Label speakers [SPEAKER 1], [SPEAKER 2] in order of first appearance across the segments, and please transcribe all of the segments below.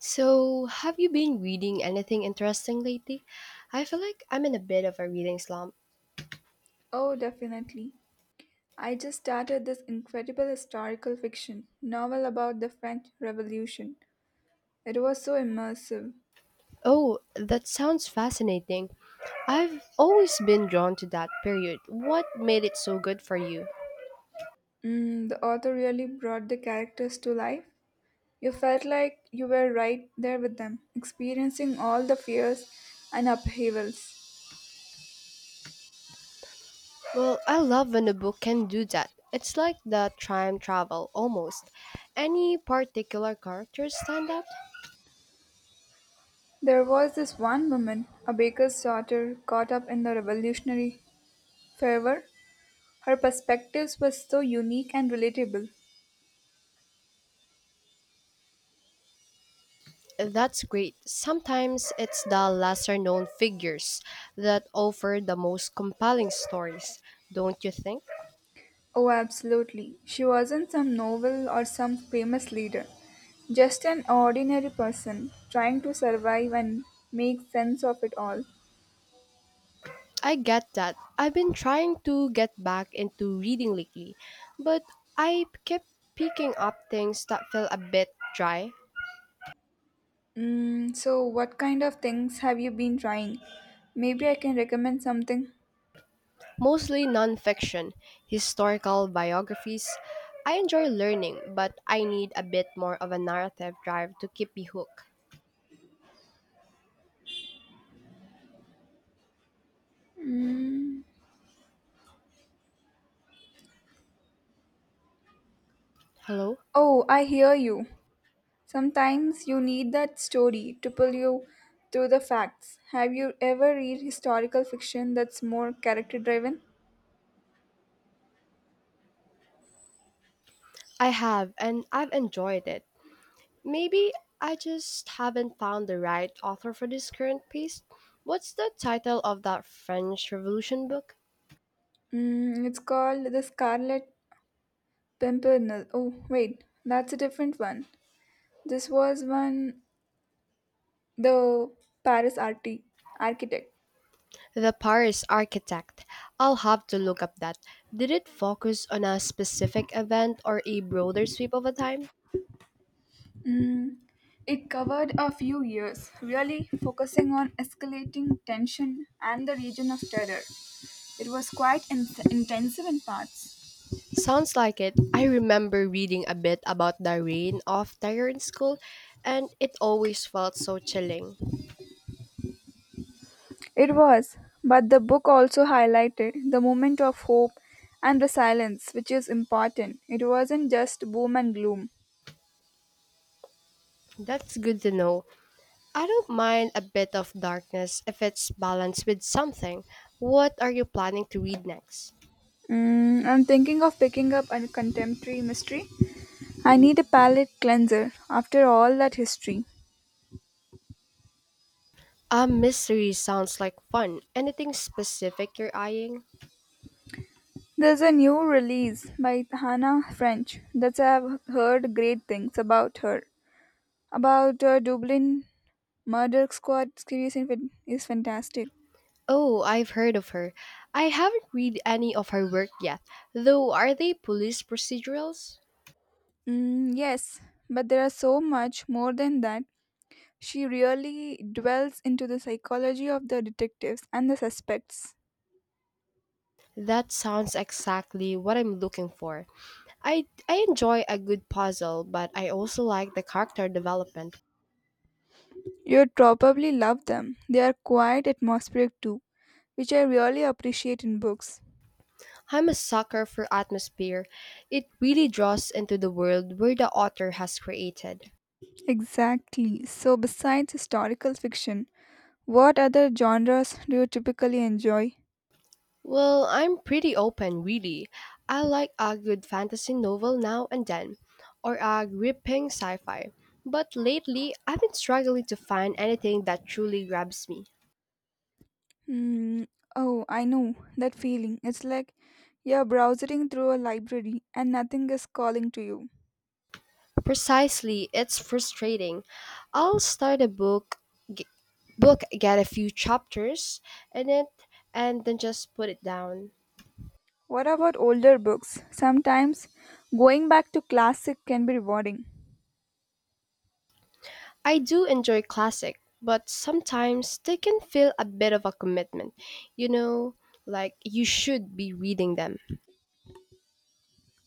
[SPEAKER 1] So, have you been reading anything interesting lately? I feel like I'm in a bit of a reading slump.
[SPEAKER 2] Oh, definitely. I just started this incredible historical fiction novel about the French Revolution. It was so immersive.
[SPEAKER 1] Oh, that sounds fascinating. I've always been drawn to that period. What made it so good for you?
[SPEAKER 2] The author really brought the characters to life. You felt like you were right there with them, experiencing all the fears and upheavals.
[SPEAKER 1] Well, I love when a book can do that. It's like the time travel, almost. Any particular characters stand out?
[SPEAKER 2] There was this one woman, a baker's daughter, caught up in the revolutionary fervor. Her perspectives were so unique and relatable.
[SPEAKER 1] That's great. Sometimes it's the lesser known figures that offer the most compelling stories, don't you think?
[SPEAKER 2] Oh, absolutely. She wasn't some novel or some famous leader, just an ordinary person trying to survive and make sense of it all.
[SPEAKER 1] I get that. I've been trying to get back into reading lately, but I kept picking up things that felt a bit dry,
[SPEAKER 2] So, what kind of things have you been trying? Maybe I can recommend something.
[SPEAKER 1] mostly nonfiction, historical biographies. I enjoy learning, but I need a bit more of a narrative drive to keep me hooked. Hello?
[SPEAKER 2] Oh, I hear you. Sometimes you need that story to pull you through the facts. Have you ever read historical fiction that's more character driven?
[SPEAKER 1] I have, and I've enjoyed it. Maybe I just haven't found the right author for this current piece. What's the title of that French Revolution book?
[SPEAKER 2] It's called The Scarlet Pimpernel. Oh, wait, that's a different one. This was one the Paris arti- architect.
[SPEAKER 1] The Paris Architect. I'll have to look up that. Did it focus on a specific event or a broader sweep of a time?
[SPEAKER 2] Mm, It covered a few years, really focusing on escalating tension and the region of terror. It was quite intensive in parts.
[SPEAKER 1] Sounds like it. I remember reading a bit about the reign of terror in school, and it always felt so chilling.
[SPEAKER 2] It was, but the book also highlighted the moment of hope and resilience, which is important. It wasn't just boom and gloom.
[SPEAKER 1] That's good to know. I don't mind a bit of darkness if it's balanced with something. What are you planning to read next?
[SPEAKER 2] I'm thinking of picking up a contemporary mystery. I need a palate cleanser after all that history.
[SPEAKER 1] A mystery sounds like fun. Anything specific you're eyeing?
[SPEAKER 2] There's a new release by Hannah French that I've heard great things about her. About Dublin Murder Squad series is fantastic.
[SPEAKER 1] Oh, I've heard of her. I haven't read any of her work yet, though. Are they police procedurals?
[SPEAKER 2] Yes, but there are so much more than that. She really dwells into the psychology of the detectives and the suspects.
[SPEAKER 1] That sounds exactly what I'm looking for. I enjoy a good puzzle, but I also like the character development.
[SPEAKER 2] You'd probably love them. They are quite atmospheric too, which I really appreciate in books.
[SPEAKER 1] I'm a sucker for atmosphere. It really draws into the world where the author has created.
[SPEAKER 2] Exactly. So, besides historical fiction, what other genres do you typically enjoy?
[SPEAKER 1] Well, I'm pretty open, really. I like a good fantasy novel now and then, or a gripping sci fi. But lately, I've been struggling to find anything that truly grabs me.
[SPEAKER 2] Hmm. Oh, I know that feeling. It's like you're browsing through a library and nothing is calling to you.
[SPEAKER 1] Precisely, it's frustrating. I'll start a book, g- get a few chapters in it, and then just put it down.
[SPEAKER 2] What about older books? Sometimes going back to classic can be rewarding.
[SPEAKER 1] I do enjoy classic, but sometimes they can feel a bit of a commitment, you know, like you should be reading them.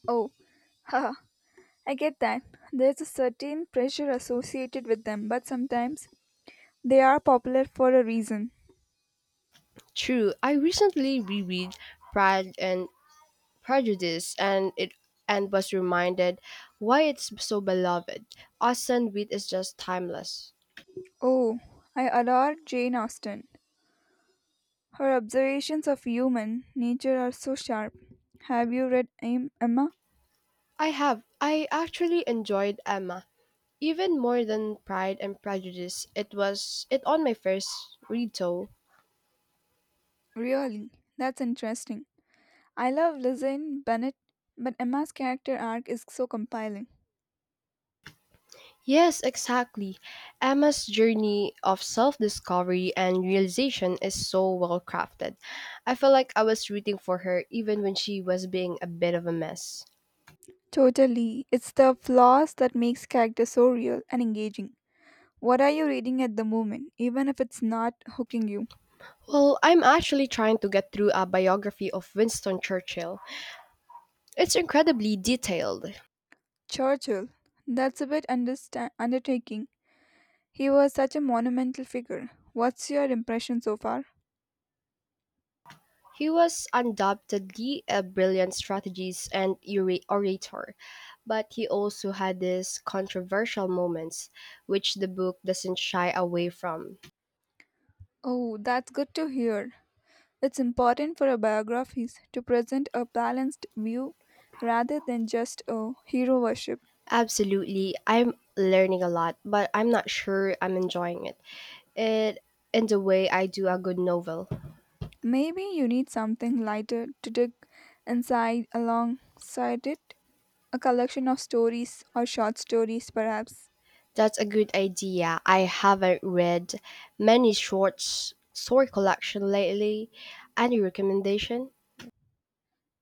[SPEAKER 2] Oh, haha, I get that. There's a certain pressure associated with them, but sometimes they are popular for a reason.
[SPEAKER 1] True, I recently reread Pride and Prejudice and was reminded why it's so beloved. Austin Wit is just timeless.
[SPEAKER 2] Oh, I adore Jane Austen. Her observations of human nature are so sharp. Have you read Emma?
[SPEAKER 1] I actually enjoyed Emma even more than Pride and Prejudice. It was it on my first read though.
[SPEAKER 2] Really? That's interesting. I love Lizanne Bennett, but Emma's character arc is so compelling.
[SPEAKER 1] Yes, exactly. Emma's journey of self-discovery and realization is so well crafted. I felt like I was rooting for her even when she was being a bit of a mess.
[SPEAKER 2] Totally. It's the flaws that makes character so real and engaging. What are you reading at the moment, even if it's not hooking you?
[SPEAKER 1] Well, I'm actually trying to get through a biography of Winston Churchill. It's incredibly detailed.
[SPEAKER 2] Churchill. That's a bit undertaking. He was such a monumental figure. What's your impression so far?
[SPEAKER 1] He was undoubtedly a brilliant strategist and orator, but he also had these controversial moments, which the book doesn't shy away from.
[SPEAKER 2] Oh, that's good to hear. It's important for our biographies to present a balanced view rather than just a hero worship.
[SPEAKER 1] Absolutely, I'm learning a lot, but I'm not sure I'm enjoying it. It in the way I do a good novel.
[SPEAKER 2] Maybe you need something lighter to dig inside alongside it, a collection of stories or short stories, perhaps.
[SPEAKER 1] That's a good idea. I haven't read many short story collection lately. Any recommendation?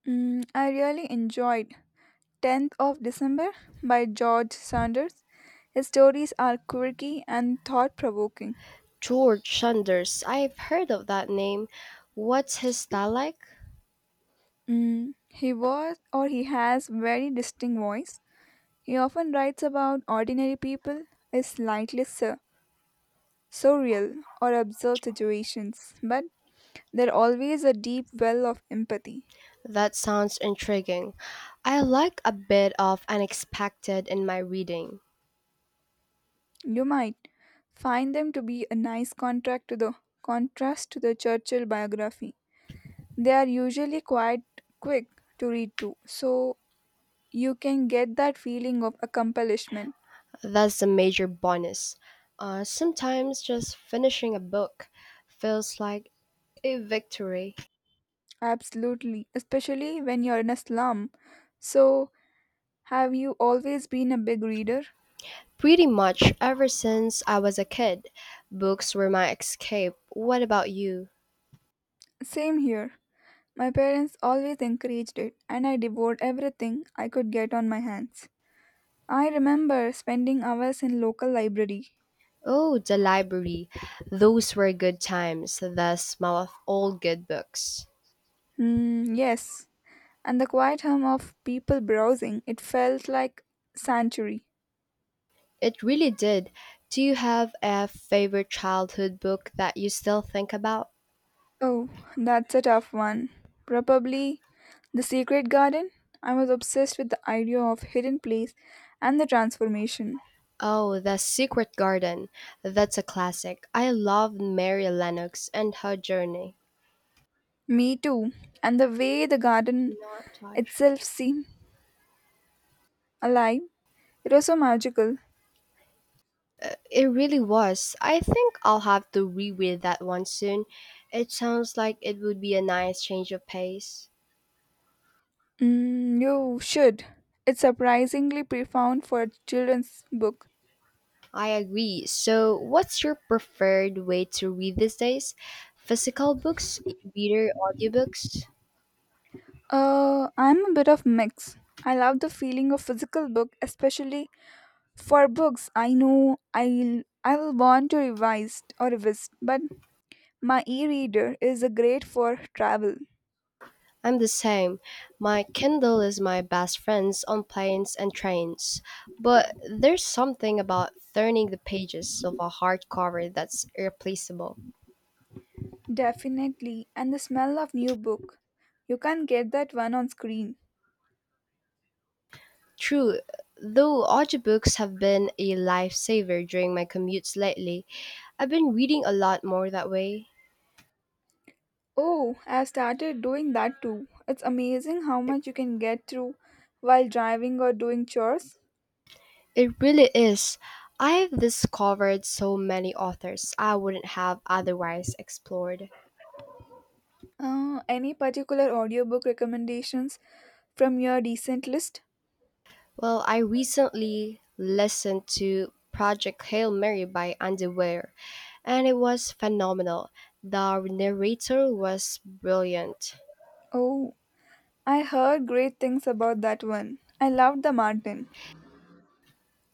[SPEAKER 2] I really enjoyed 10th of December by George Sanders. His stories are quirky and thought provoking.
[SPEAKER 1] George Saunders. I've heard of that name. What's his style like?
[SPEAKER 2] He was or he has very distinct voice. He often writes about ordinary people, as surreal or absurd situations, but they're always a deep well of empathy.
[SPEAKER 1] That sounds intriguing. I like a bit of unexpected in my reading.
[SPEAKER 2] You might find them to be a nice contract to the contrast to the Churchill biography. They are usually quite quick to read too, so you can get that feeling of accomplishment.
[SPEAKER 1] That's a major bonus. Sometimes just finishing a book feels like a victory.
[SPEAKER 2] Absolutely, especially when you're in a slum. So, have you always been a big reader?
[SPEAKER 1] Pretty much ever since I was a kid, books were my escape. What about you?
[SPEAKER 2] Same here. My parents always encouraged it, and I devoured everything I could get on my hands. I remember spending hours in local library.
[SPEAKER 1] Oh, the library. Those were good times, the smell of old good books.
[SPEAKER 2] Yes, and the quiet hum of people browsing. It felt like sanctuary.
[SPEAKER 1] It really did. Do you have a favorite childhood book that you still think about?
[SPEAKER 2] Oh, that's a tough one. Probably the secret garden. I was obsessed with the idea of hidden place and the transformation.
[SPEAKER 1] Oh, The Secret Garden. That's a classic. I love Mary Lennox and her journey.
[SPEAKER 2] Me too. And the way the
[SPEAKER 1] Do
[SPEAKER 2] garden
[SPEAKER 1] not touch.
[SPEAKER 2] itself seemed alive, it was so magical.
[SPEAKER 1] It really was. I think I'll have to reread that one soon. It sounds like it would be a nice change of pace.
[SPEAKER 2] You should. It's surprisingly profound for a children's book.
[SPEAKER 1] I agree. So, what's your preferred way to read these days? Physical books, e-reader, audiobooks?
[SPEAKER 2] I'm a bit of mix. I love the feeling of physical book, especially for books I know I will want to revise or revisit. But my e-reader is a great for travel,
[SPEAKER 1] I'm the same. My Kindle is my best friends on planes and trains. But there's something about turning the pages of a hardcover that's irreplaceable.
[SPEAKER 2] definitely, and the smell of new book. You can get that one on screen.
[SPEAKER 1] True, though audiobooks have been a lifesaver during my commutes lately, I've been reading a lot more that way.
[SPEAKER 2] Oh, I've started doing that too. It's amazing how much you can get through while driving or doing chores.
[SPEAKER 1] It really is. I've discovered so many authors I wouldn't have otherwise explored.
[SPEAKER 2] Any particular audiobook recommendations from your recent list?
[SPEAKER 1] Well, I recently listened to Project Hail Mary by Andy Weir, and it was phenomenal. The narrator was brilliant.
[SPEAKER 2] Oh, I heard great things about that one. I loved The Martin.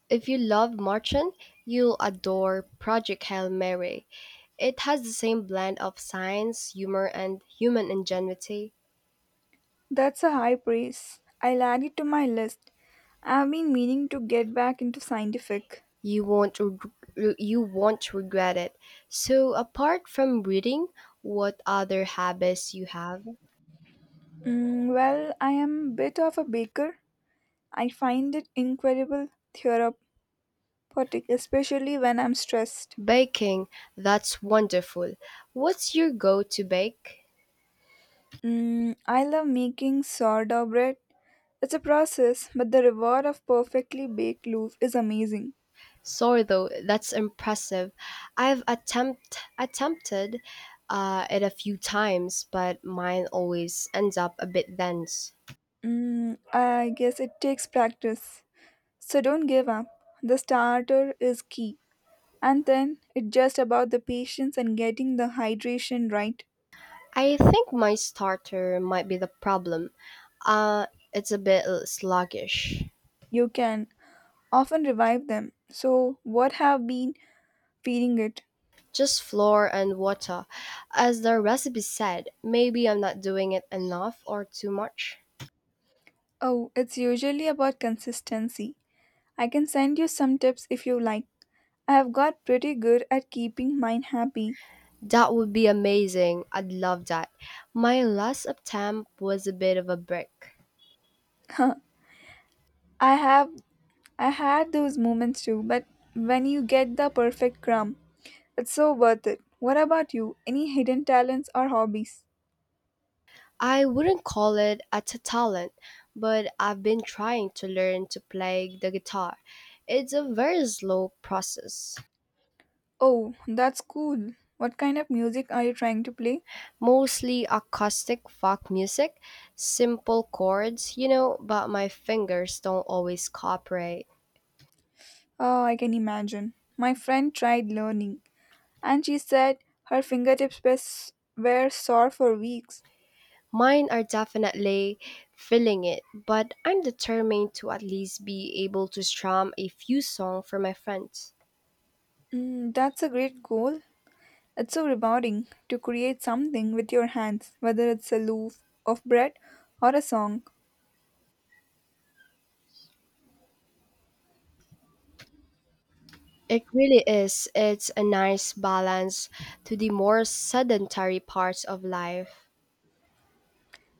[SPEAKER 1] If you love Martian, you'll adore Project Hail Mary. It has the same blend of science, humor, and human ingenuity.
[SPEAKER 2] That's a high praise. I'll add it to my list. I've been meaning to get back into scientific.
[SPEAKER 1] You won't regret it. So, apart from reading, what other habits you have?
[SPEAKER 2] Well, I am a bit of a baker. I find it incredible therapeutic, especially when I'm stressed.
[SPEAKER 1] Baking, that's wonderful. What's your go-to bake?
[SPEAKER 2] I love making sourdough bread. It's a process, but the reward of perfectly baked loaf is amazing.
[SPEAKER 1] Sourdough, that's impressive. I've attempted it a few times, but mine always ends up a bit dense.
[SPEAKER 2] I guess it takes practice. So don't give up. The starter is key. And then it's just about the patience and getting the hydration right.
[SPEAKER 1] I think my starter might be the problem. Uh, it's a bit sluggish.
[SPEAKER 2] You can often revive them. So, what have been feeding it?
[SPEAKER 1] Just flour and water. As the recipe said, maybe I'm not doing it enough or too much.
[SPEAKER 2] Oh, it's usually about consistency. I can send you some tips if you like. I've got pretty good at keeping mine happy.
[SPEAKER 1] That would be amazing. I'd love that. My last attempt was a bit of a break.
[SPEAKER 2] Huh. I have I had those moments too, but when you get the perfect crumb, it's so worth it. What about you? Any hidden talents or hobbies?
[SPEAKER 1] I wouldn't call it a talent, but I've been trying to learn to play the guitar. It's a very slow process.
[SPEAKER 2] Oh, that's cool. What kind of music are you trying to play?
[SPEAKER 1] Mostly acoustic folk music, simple chords, you know, but my fingers don't always cooperate.
[SPEAKER 2] Oh, I can imagine. My friend tried learning, and she said her fingertips were sore for weeks.
[SPEAKER 1] Mine are definitely feeling it, but I'm determined to at least be able to strum a few songs for my friends.
[SPEAKER 2] That's a great goal. It's so rewarding to create something with your hands, whether it's a loaf of bread or a song.
[SPEAKER 1] It really is. It's a nice balance to the more sedentary parts of life.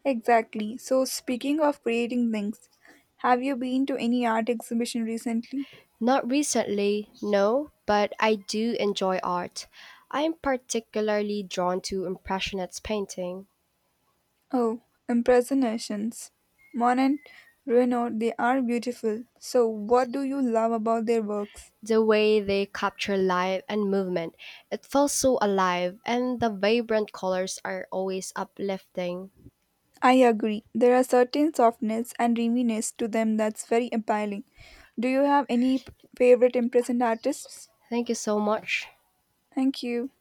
[SPEAKER 2] Exactly. So, speaking of creating things, have you been to any art exhibition recently?
[SPEAKER 1] Not recently, no, but I do enjoy art. I'm particularly drawn to Impressionist painting.
[SPEAKER 2] Oh, impressionations. Monet, Renoir, they are beautiful. So, what do you love about their works?
[SPEAKER 1] The way they capture light and movement. It feels so alive, and the vibrant colors are always uplifting.
[SPEAKER 2] I agree. There are certain softness and dreaminess to them that's very appealing. Do you have any favorite impression artists?
[SPEAKER 1] Thank you so much.
[SPEAKER 2] Thank you.